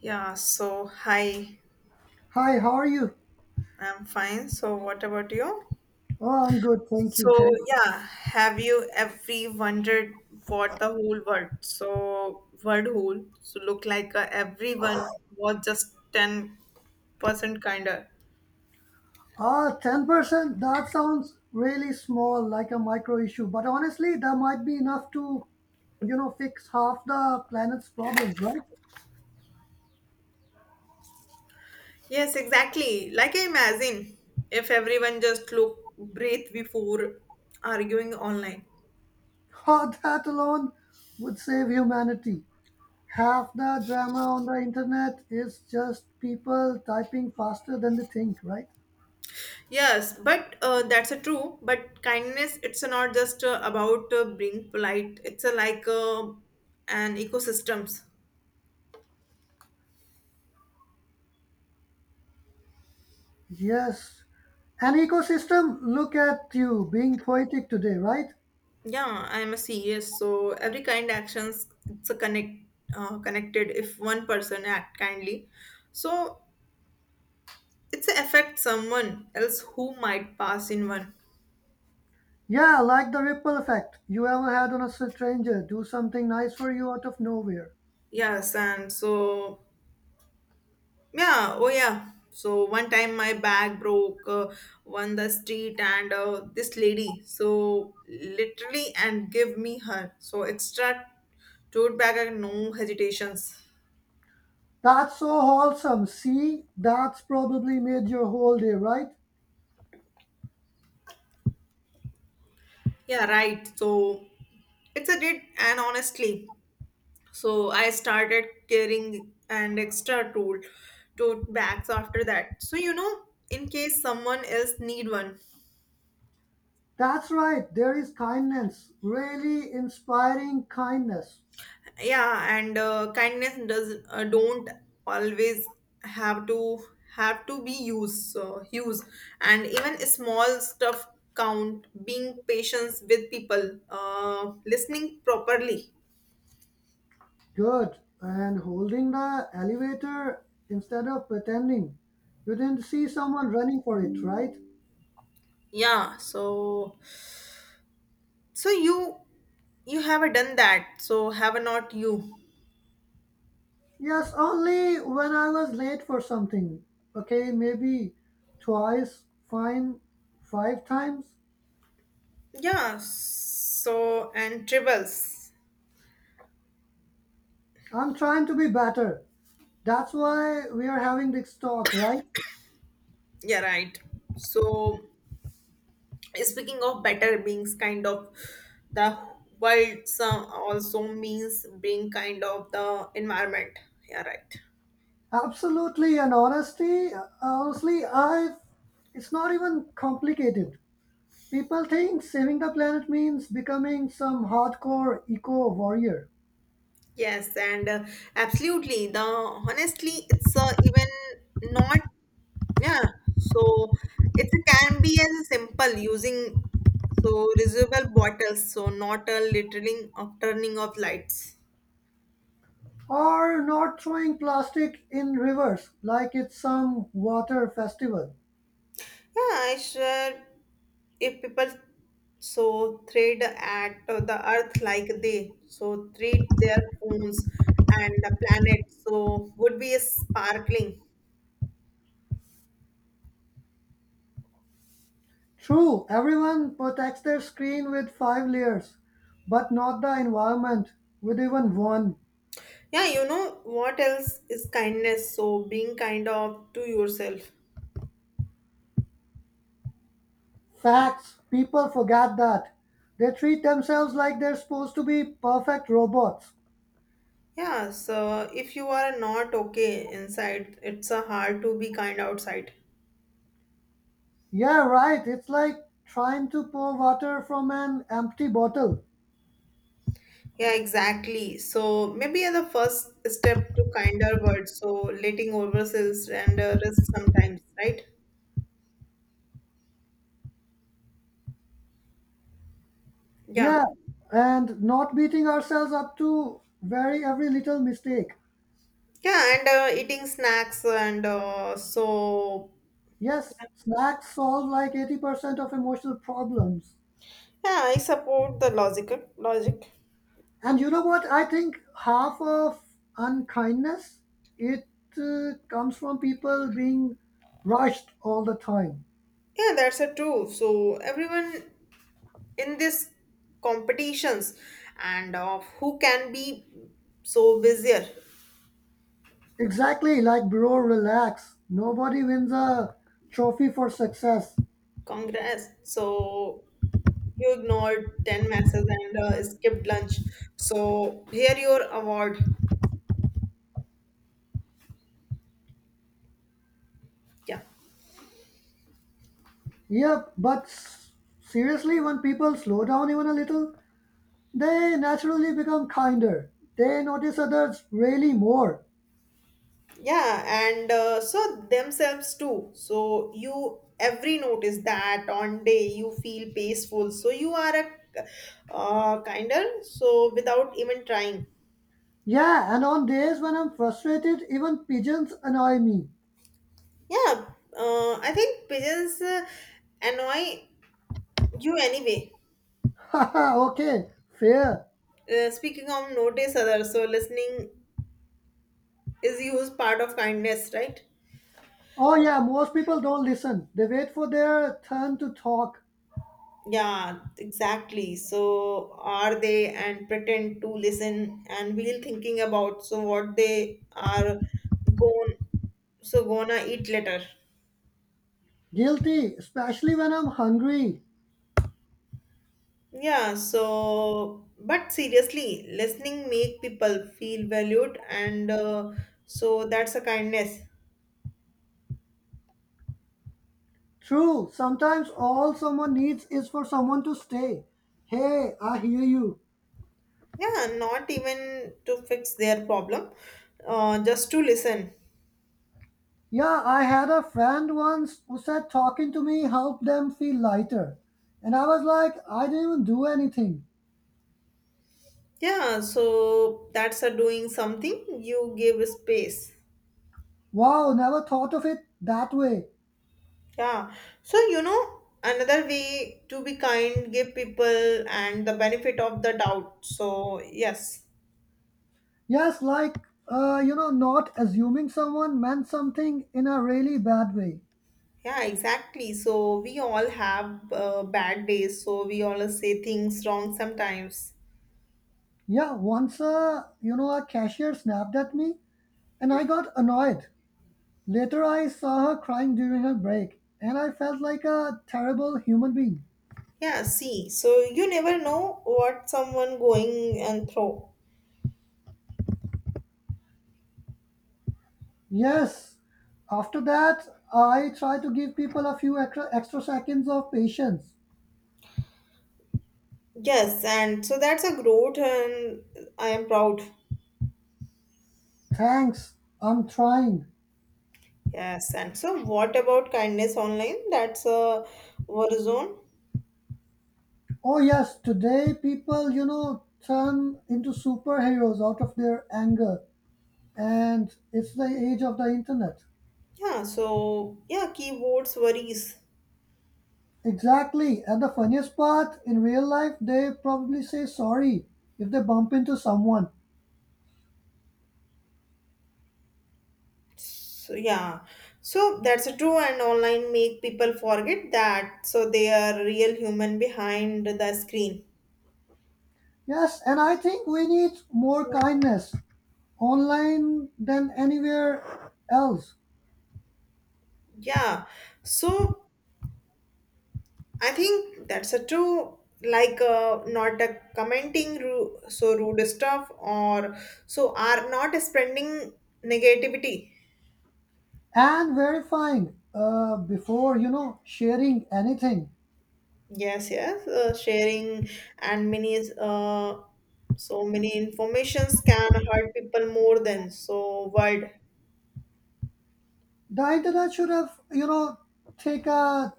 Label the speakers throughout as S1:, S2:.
S1: Yeah, so hi,
S2: Hi, how are you?
S1: I'm fine. So, what about you?
S2: Oh, I'm good, thank
S1: So,
S2: you. Thanks.
S1: yeah, have you ever wondered what the whole world, so world whole, so look like everyone was just 10% kinder?
S2: Ah, 10%? That sounds really small, like a micro issue. But honestly, that might be enough to fix half the planet's problems, right?
S1: Yes, exactly. Like I imagine if everyone just look, breathe before arguing online.
S2: Oh, that alone would save humanity. Half the drama on the internet is just people typing faster than they think, right?
S1: Yes, but that's a true. But kindness, it's not just about being polite. It's a, like an ecosystems.
S2: Yes. An ecosystem, look at you being poetic today, right?
S1: Yeah, I'm a CS, so every kind actions it's a connected. If one person act kindly, so it's affect someone else who might pass in one.
S2: Yeah, like the ripple effect you ever had on a stranger do something nice for you out of nowhere.
S1: Yes, and so, yeah, oh yeah. So one time my bag broke on the street and this lady so literally and give me her so extra tote bag and no hesitations.
S2: That's so wholesome. See, that's probably made your whole day, right?
S1: Yeah, right. So it's a did and honestly. So I started carrying an extra tool tote bags after that. So in case someone else need one.
S2: That's right. There is kindness, really inspiring kindness.
S1: Yeah, and kindness does don't always have to have to be used so use and even small stuff count being patient with people, listening properly.
S2: Good. And holding the elevator instead of pretending. You didn't see someone running for it, right?
S1: Yeah, so so you have done that, so have not you?
S2: Yes, only when I was late for something. Okay, maybe twice, fine, five times.
S1: Yeah, so and tribbles.
S2: I'm trying to be better. That's why we are having this talk, right?
S1: Yeah, right. So speaking of better beings kind of the world some also means being kind of the environment, yeah, right.
S2: Absolutely, and honestly, I it's not even complicated. People think saving the planet means becoming some hardcore eco warrior
S1: Yes, and absolutely the honestly it's even not, yeah. So it can be as simple using so reusable bottles, so not a littering of turning off lights.
S2: or not throwing plastic in rivers like it's some water festival.
S1: Yeah, I should. If people so thread at the earth like they so treat their phones, and the planet so would be a sparkling.
S2: True, everyone protects their screen with five layers, but not the environment with even one.
S1: Yeah, you know what else is kindness, so being kind of to yourself.
S2: Facts. People forget that. They treat themselves like they're supposed to be perfect robots.
S1: Yeah, so if you are not okay inside it's a hard to be kind outside.
S2: Yeah, right. It's like trying to pour water from an empty bottle.
S1: Yeah, exactly. So maybe the first step to kinder words, so letting ourselves and rest sometimes, right? Yeah.
S2: Yeah, and not beating ourselves up to very every little mistake.
S1: Yeah, and eating snacks and so.
S2: Yes, snacks solve like 80% of emotional problems.
S1: Yeah, I support the logic.
S2: And you know what? I think half of unkindness it comes from people being rushed all the time.
S1: Yeah, that's a true. So everyone in this competitions and of who can be so busier.
S2: Exactly, like bro, relax. Nobody wins a trophy for success.
S1: Congrats. So you ignored 10 messages and skipped lunch. So here your award. Yeah.
S2: Yep, but seriously, when people slow down even a little, they naturally become kinder. They notice others really more.
S1: Yeah, and so themselves too, so you every notice that on day you feel peaceful, so you are a kinder so without even trying.
S2: Yeah, and on days when I'm frustrated, even pigeons annoy me.
S1: Yeah, I think pigeons annoy you anyway.
S2: Haha, okay, fair.
S1: Speaking of notice others, so listening is used part of kindness, right?
S2: Oh, yeah, most people don't listen. They wait for their turn to talk.
S1: Yeah, exactly. So are they and pretend to listen and we'll thinking about so what they are going so gonna eat later.
S2: Guilty, especially when I'm hungry.
S1: Yeah, so but seriously, listening make people feel valued and so that's a kindness.
S2: True, sometimes all someone needs is for someone to stay. Hey, I hear you.
S1: Yeah, not even to fix their problem, just to listen.
S2: Yeah, I had a friend once who said talking to me helped them feel lighter. And I was like, I didn't even do anything.
S1: Yeah, so that's a doing something, you give space.
S2: Wow, never thought of it that way.
S1: Yeah. So, another way to be kind, give people and the benefit of the doubt. So, yes.
S2: Yes, like, not assuming someone meant something in a really bad way.
S1: Yeah, exactly. So, we all have bad days. So, we all say things wrong sometimes.
S2: Yeah, once, a cashier snapped at me and I got annoyed. Later, I saw her crying during her break, and I felt like a terrible human being.
S1: Yeah, see. So, you never know what someone going and through.
S2: Yes, after that, I try to give people a few extra seconds of patience.
S1: Yes, and so that's a growth and I am proud.
S2: Thanks, I'm trying.
S1: Yes, and so what about kindness online? That's a war zone.
S2: Oh, yes, today people turn into superheroes out of their anger, and it's the age of the internet.
S1: Yeah, so yeah, keywords worries.
S2: Exactly, and the funniest part, in real life, they probably say sorry if they bump into someone.
S1: So yeah, so that's true, and online make people forget that. So they are real human behind the screen.
S2: Yes, and I think we need more kindness online than anywhere else
S1: Yeah, so I think that's a true. Like not a commenting, so rude stuff, or so are not spreading negativity.
S2: and verifying before sharing anything.
S1: Yes, yes, sharing and many so many informations can hurt people more than so word.
S2: The internet should have take a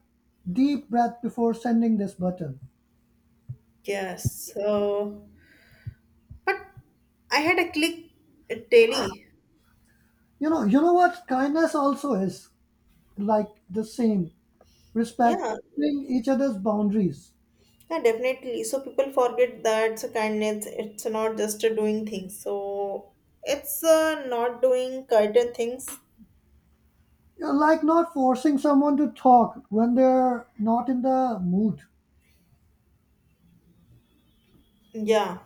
S2: deep breath before sending this button.
S1: Yes, so but I had a click daily.
S2: You know what kindness also is like the same
S1: Yeah,
S2: respecting each other's boundaries.
S1: yeah, definitely. So people forget that so kindness. It's not just doing things. So it's not doing certain things.
S2: Like not forcing someone to talk when they're not in the mood.
S1: Yeah.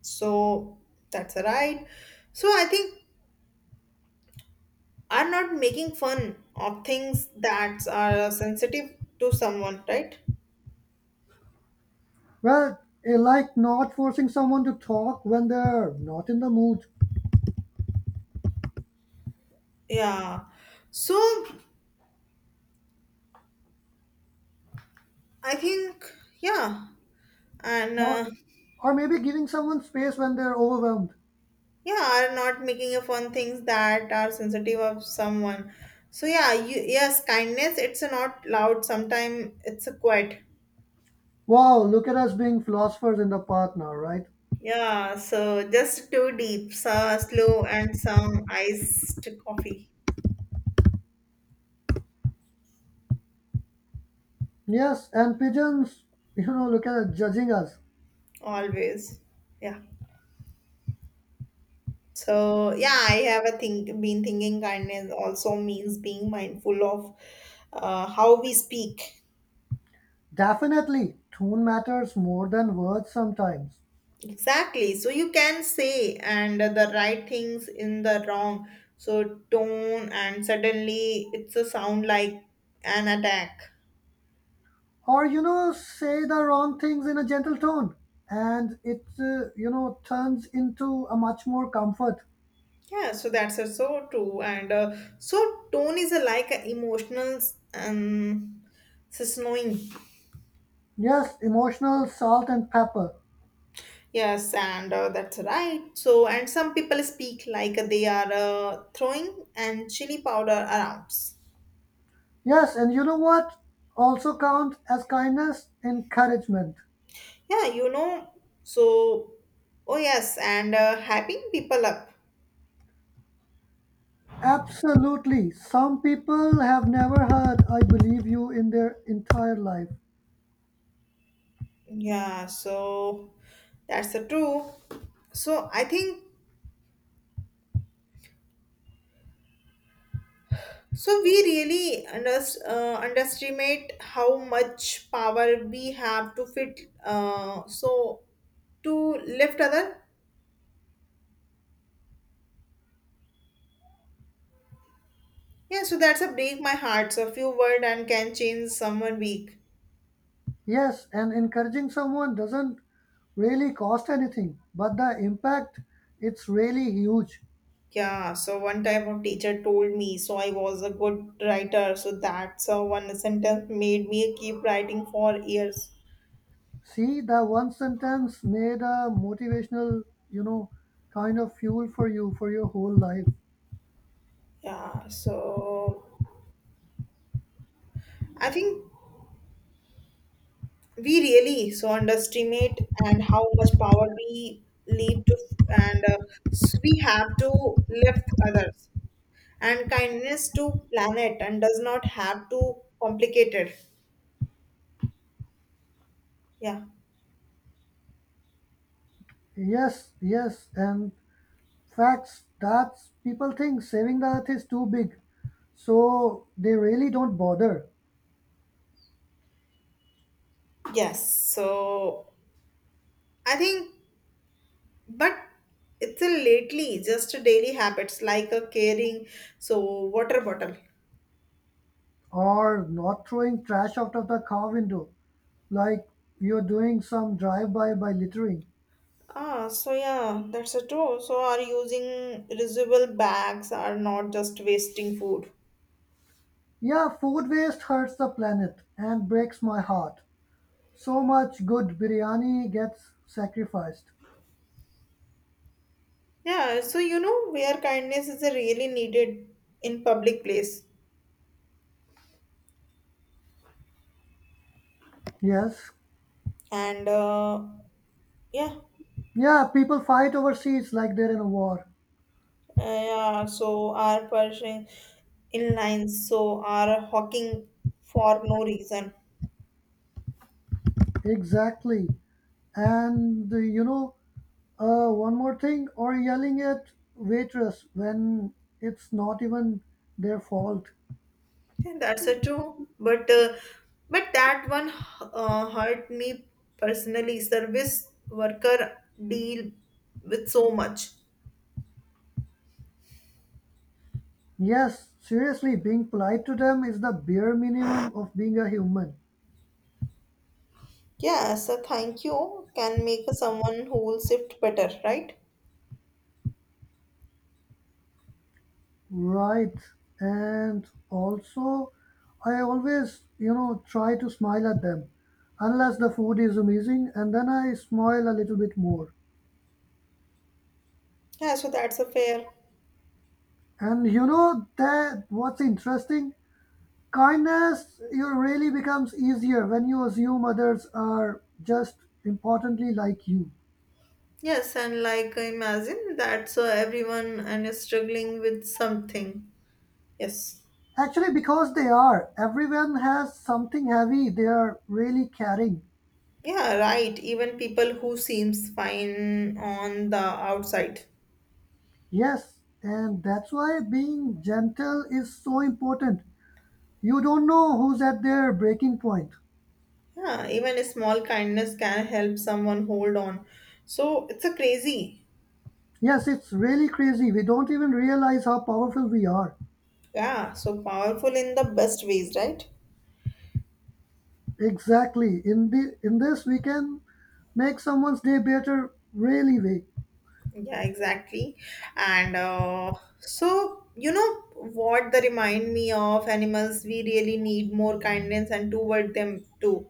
S1: So that's right. So I think are not making fun of things that are sensitive to someone, right?
S2: Well, I like not forcing someone to talk when they're not in the mood,
S1: Yeah. So I think, yeah, and
S2: or, or maybe giving someone space when they're overwhelmed.
S1: yeah, are not making a fun things that are sensitive of someone. So yeah, you, yes, kindness. It's not loud. Sometimes it's a quiet.
S2: Wow, look at us being philosophers in the path now, right?
S1: Yeah. So just too deep, so slow, and some iced coffee
S2: Yes, and pigeons, look at us judging us.
S1: always. Yeah. So yeah, I have a think been thinking kindness also means being mindful of how we speak.
S2: Definitely, tone matters more than words sometimes.
S1: Exactly. So you can say and the right things in the wrong. So tone and suddenly it's a sound like an attack.
S2: Or, say the wrong things in a gentle tone, and it turns into a much more comfort.
S1: Yeah, so that's so true. And so tone is a, like an emotional, um, snowing.
S2: Yes, emotional salt and pepper.
S1: Yes, and that's right. So, and some people speak like they are throwing and chili powder around.
S2: Yes, and you know what also counts as kindness? Encouragement.
S1: Yeah, you know. So, oh yes, and hyping people up.
S2: Absolutely. Some people have never heard I believe you in their entire life.
S1: Yeah, so that's the true. So I think so. We really underestimate how much power we have to fit. So to lift other. Yeah, so that's a break my heart. So a few word and can change someone week.
S2: Yes, and encouraging someone doesn't really cost anything, but the impact it's really huge.
S1: Yeah, so one type of teacher told me, so I was a good writer. So that's a one sentence made me keep writing for years.
S2: See, the one sentence made a motivational, you know, kind of fuel for you for your whole life.
S1: Yeah, so I think we really so underestimate and how much power we leave to and we have to lift others, and kindness to planet and does not have to complicated. Yeah.
S2: Yes, yes, and Facts. That's people think saving the earth is too big, so they really don't bother.
S1: Yes, so I think, but it's a lately just a daily habits like a carrying so water bottle.
S2: Or not throwing trash out of the car window, like you're doing some drive-by by littering.
S1: Ah, so yeah, that's a true. So are using reusable bags are not just wasting food.
S2: Yeah, food waste hurts the planet and breaks my heart. So much good biryani gets sacrificed.
S1: Yeah, so you know where kindness is a really needed in public place,
S2: Yes.
S1: and yeah,
S2: Yeah, people fight overseas like they're in a war.
S1: yeah. So are pushing in lines. So are hawking for no reason.
S2: Exactly. And one more thing, or yelling at waitress when it's not even their fault.
S1: Yeah, that's a true. But that one hurt me personally. Service worker deal with so much.
S2: Yes, seriously, being polite to them is the bare minimum of being a human.
S1: Yeah, so thank you can make someone whole shift better, right?
S2: Right. And also, I always try to smile at them unless the food is amazing and then I smile a little bit more.
S1: Yeah, so that's a fair.
S2: And you know that what's interesting? Kindness you really becomes easier when you assume others are just importantly like you.
S1: Yes, and like imagine that so everyone and is struggling with something. Yes.
S2: Actually, because they are. Everyone has something heavy they are really carrying.
S1: Yeah, right. Even people who seems fine on the outside.
S2: Yes, and that's why being gentle is so important. You don't know who's at their breaking point.
S1: Yeah, even a small kindness can help someone hold on. So it's a crazy,
S2: Yes, it's really crazy. We don't even realize how powerful we are.
S1: yeah, so powerful in the best ways, right?
S2: Exactly. In this we can make someone's day better really way.
S1: Yeah, exactly. And so, you know what, they remind me of animals, we really need more kindness and toward them too.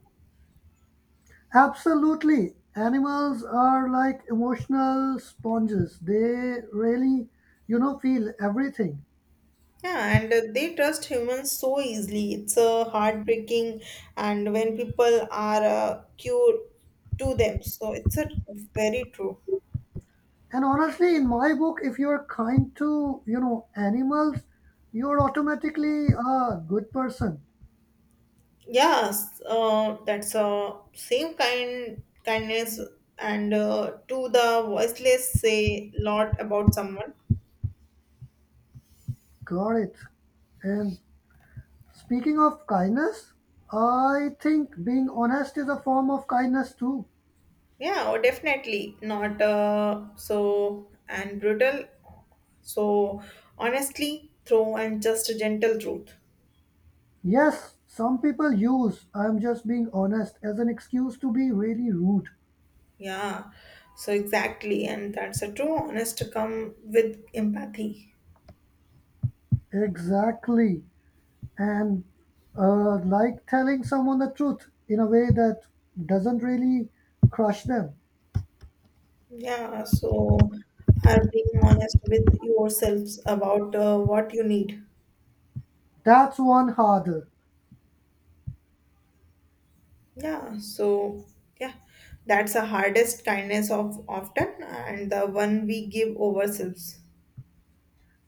S2: Absolutely. Animals are like emotional sponges. They really feel everything.
S1: Yeah, and they trust humans so easily. It's heartbreaking, and when people are cured to them, so it's a very true.
S2: And honestly, in my book, if you're kind to animals, you're automatically a good person.
S1: Yes, that's same kind kindness and to the voiceless say lot about someone.
S2: Got it. And speaking of kindness, I think being honest is a form of kindness too.
S1: Yeah, oh, definitely not so and brutal. So honestly, through and just a gentle truth.
S2: Yes, some people use I'm just being honest as an excuse to be really rude.
S1: Yeah, so exactly, and that's a true honest come with empathy.
S2: Exactly. And like telling someone the truth in a way that doesn't really crush them.
S1: Yeah, so are being honest with yourselves about what you need.
S2: That's one harder.
S1: Yeah, so yeah, that's the hardest kindness of often and the one we give ourselves.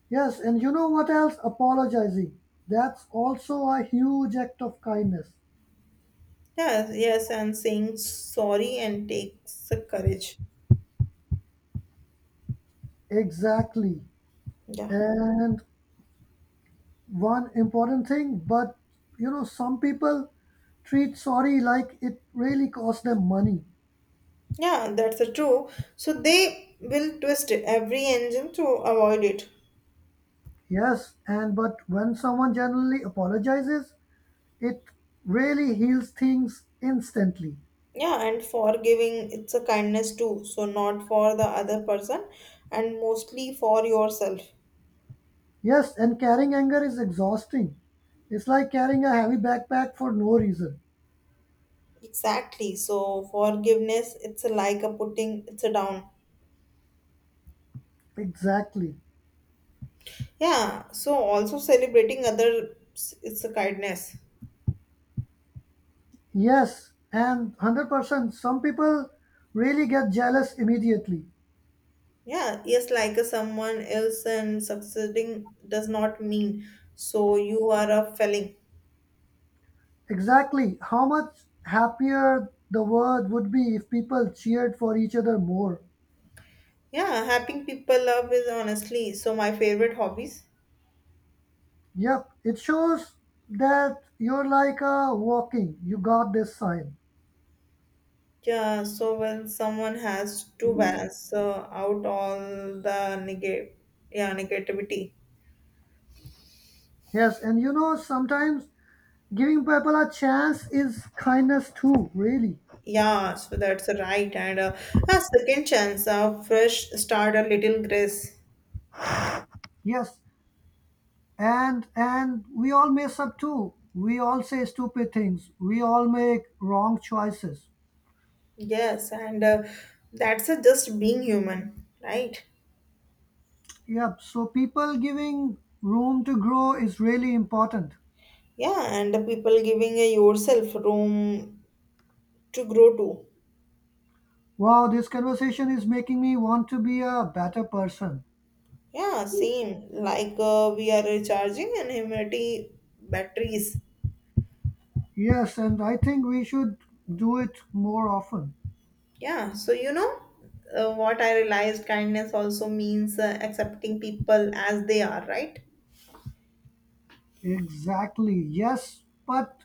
S2: Yes, and you know what else? Apologizing. That's also a huge act of kindness.
S1: Yes, yes, and saying sorry and takes the courage.
S2: Exactly.
S1: Yeah.
S2: And one important thing, but some people treat sorry like it really cost them money.
S1: Yeah, that's a true. So they will twist every engine to avoid it.
S2: Yes, and but when someone generally apologizes, it really heals things instantly.
S1: Yeah, and forgiving it's a kindness too. So not for the other person and mostly for yourself.
S2: Yes, and carrying anger is exhausting. It's like carrying a heavy backpack for no reason.
S1: Exactly. So forgiveness it's like a putting it's a down.
S2: Exactly.
S1: Yeah, so also celebrating others is a kindness.
S2: Yes, and 100%. Some people really get jealous immediately.
S1: Yeah, yes, like a someone else and succeeding does not mean so you are a failing.
S2: Exactly. How much happier the world would be if people cheered for each other more.
S1: Yeah, helping people love is honestly so my favorite hobbies.
S2: Yep, it shows that you're like a walking, you got this sign.
S1: Yeah, so when someone has to balance out all the negative, yeah, negativity.
S2: Yes, and sometimes giving people a chance is kindness too, really.
S1: Yeah, so that's right. And a second chance, a fresh start, a little grace.
S2: Yes, and we all mess up too. We all say stupid things. We all make wrong choices.
S1: Yes, and that's a just being human, right?
S2: Yep, so people giving room to grow is really important.
S1: Yeah, and the people giving yourself room to grow too.
S2: Wow, this conversation is making me want to be a better person.
S1: Yeah, same. Like we are recharging and humanity batteries.
S2: Yes, and I think we should do it more often.
S1: Yeah, so you know what I realized kindness also means accepting people as they are, right?
S2: Exactly. Yes, but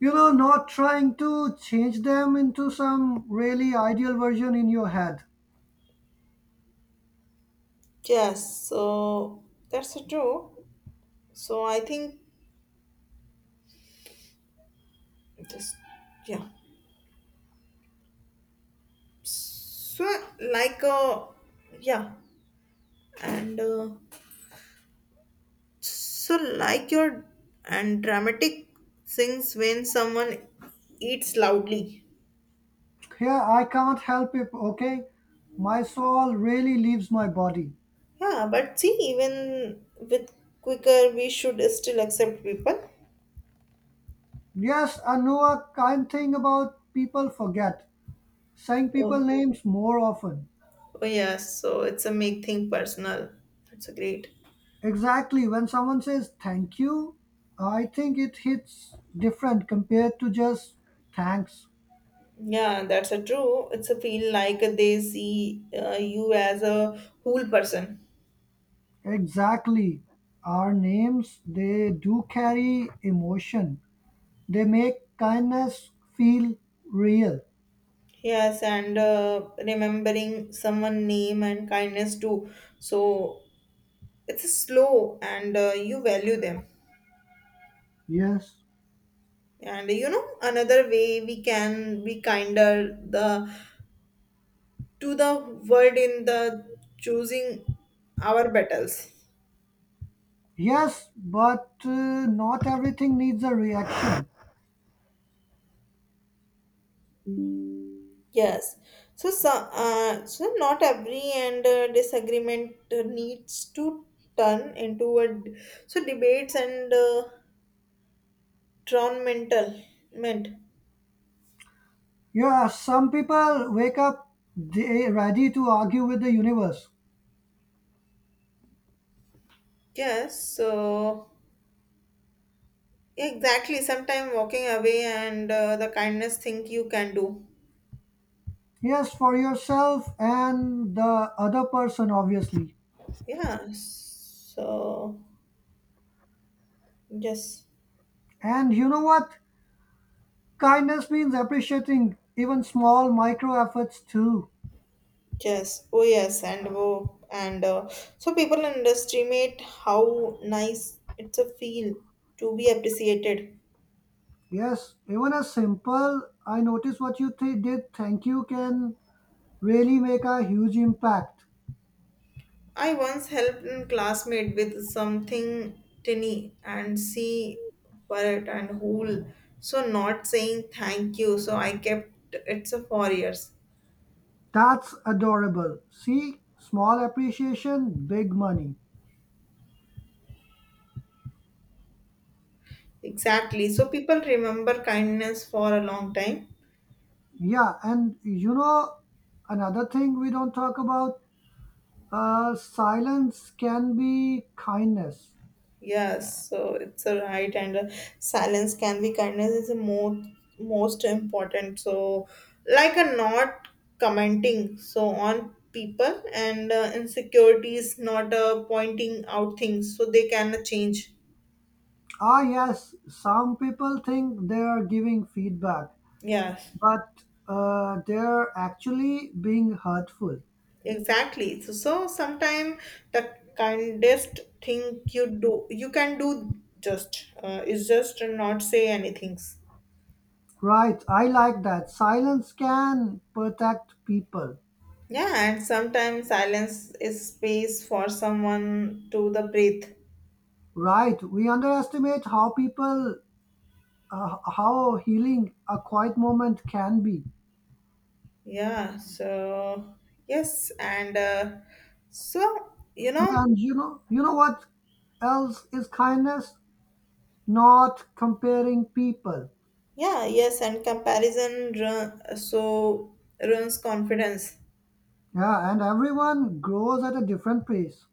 S2: not trying to change them into some really ideal version in your head.
S1: Yes, so that's true. So I think just, yeah. So like, yeah, and so like your and dramatic things when someone eats loudly.
S2: Here, I can't help it, okay? My soul really leaves my body.
S1: Yeah, but see, even with quicker we should still accept people.
S2: Yes, I know a kind thing about people forget, saying people
S1: oh,
S2: names more often.
S1: oh yeah, so it's a make thing personal, that's a great.
S2: Exactly, when someone says thank you, I think it hits different compared to just thanks.
S1: Yeah, that's a true. It's a feel like they see, you as a whole person.
S2: Exactly, our names, they do carry emotion, they make kindness feel real.
S1: Yes, and remembering someone name and kindness too. So it's slow and you value them.
S2: Yes.
S1: And you know another way we can be kinder, the to the world in the choosing our battles.
S2: Yes, but not everything needs a reaction.
S1: Yes, so not every and disagreement needs to turn into a so debates and drawn mental meant.
S2: Yeah, some people wake up they ready to argue with the universe.
S1: Yes, so exactly sometime walking away and the kindness thing you can do.
S2: Yes, for yourself and the other person, obviously.
S1: Yeah, so yes,
S2: And you know what? Kindness means appreciating even small micro efforts too.
S1: yes, oh yes, and oh, and so people in industry made how nice it's a feel to be appreciated.
S2: Yes, even a simple I notice what you did, thank you can really make a huge impact.
S1: I once helped a classmate with something tinny and see for it and whole. So not saying thank you. So I kept it's a 4 years.
S2: That's adorable. See, small appreciation, big money.
S1: Exactly. So people remember kindness for a long time.
S2: Yeah, and another thing we don't talk about. Silence can be kindness.
S1: Yes, so it's a right, and silence can be kindness is the most important. So, like a not commenting so on people and insecurities, not pointing out things, so they can change.
S2: Ah, yes, some people think they are giving feedback,
S1: Yes,
S2: but they're actually being hurtful.
S1: exactly. So sometimes the kindest thing you do, you can do just, is just not say anything.
S2: Right, I like that. Silence can protect people.
S1: Yeah, and sometimes silence is space for someone to the breathe.
S2: Right, we underestimate how healing a quiet moment can be.
S1: Yeah, so yes, and so you
S2: Yeah,
S1: know,
S2: and you know what else is kindness? Not comparing people.
S1: yeah, yes, and comparison, so ruins confidence.
S2: Yeah, and everyone grows at a different pace.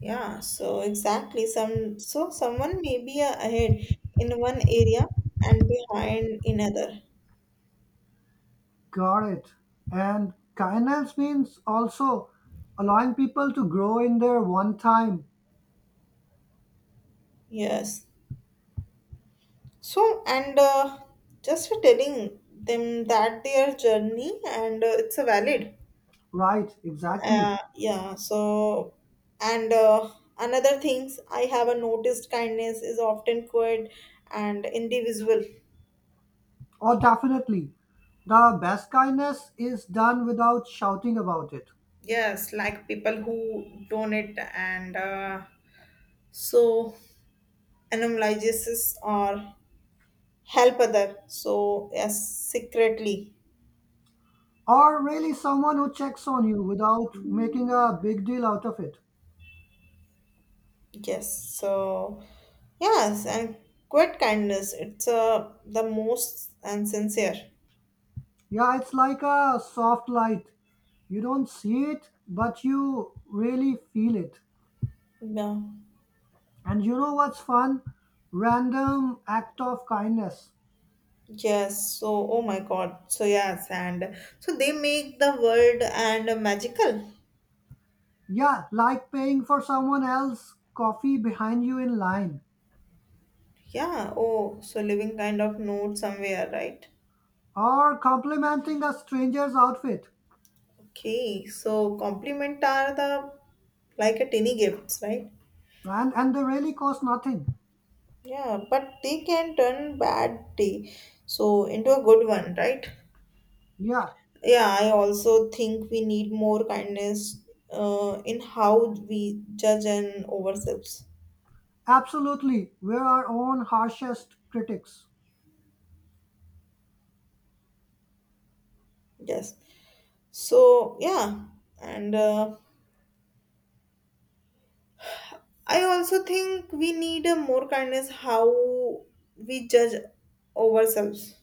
S1: Yeah, so exactly some so someone may be ahead in one area and behind in other.
S2: Got it. And kindness means also allowing people to grow in their one time.
S1: Yes. So and just for telling them that their journey and it's a valid.
S2: Right, exactly.
S1: Yeah, so and another things I have a noticed kindness is often quiet and individual.
S2: Or definitely. The best kindness is done without shouting about it.
S1: Yes, like people who donate and so anonymizes or help other. So yes, secretly.
S2: Or really someone who checks on you without making a big deal out of it.
S1: Yes, so yes, and quiet kindness. It's the most and sincere.
S2: Yeah, it's like a soft light. You don't see it, but you really feel it.
S1: Yeah.
S2: And you know what's fun? Random act of kindness.
S1: Yes, so oh my god, so yes, and so they make the world and magical.
S2: Yeah, like paying for someone else's coffee behind you in line
S1: Yeah, oh, so living kind of note somewhere, right?
S2: or complimenting a stranger's outfit.
S1: Okay, so compliment are the like a tiny gifts, right?
S2: And they really cost nothing.
S1: Yeah, but they can turn bad day so into a good one, right?
S2: Yeah,
S1: Yeah, I also think we need more kindness, in how we judge and ourselves.
S2: absolutely. We're our own harshest critics.
S1: Yes. So yeah, and I also think we need a more kindness how we judge ourselves,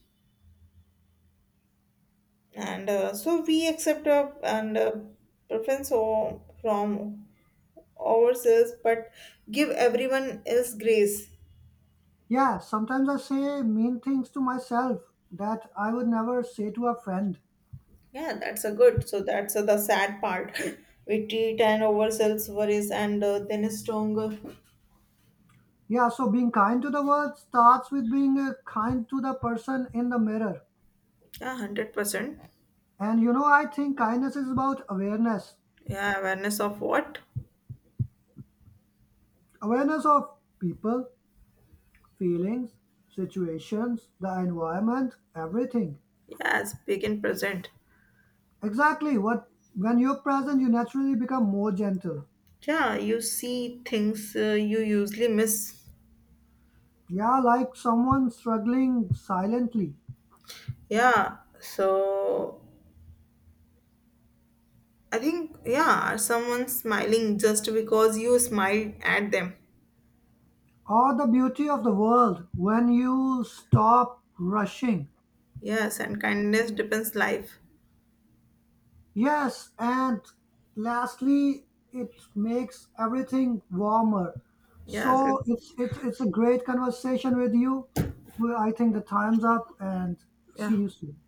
S1: and so we accept our and from ourselves, but give everyone else grace.
S2: Yeah, sometimes I say mean things to myself that I would never say to a friend.
S1: Yeah, that's a good. So that's the sad part. We treat and ourselves worries, and then a stronger.
S2: Yeah, so being kind to the world starts with being kind to the person in the mirror.
S1: Yeah, 100%.
S2: And I think kindness is about awareness
S1: Yeah, awareness of what?
S2: awareness of people, feelings, situations, the environment, everything.
S1: Yes, big and present.
S2: Exactly what when you're present, you naturally become more gentle.
S1: Yeah, you see things, you usually miss.
S2: Yeah, like someone struggling silently.
S1: Yeah, so I think, yeah, someone smiling just because you smiled at them.
S2: Or the beauty of the world when you stop rushing.
S1: Yes, and kindness depends life.
S2: Yes, and lastly, it makes everything warmer.
S1: Yes, it's,
S2: So it's a great conversation with you. Well, I think the time's up, and
S1: yeah.
S2: see you soon.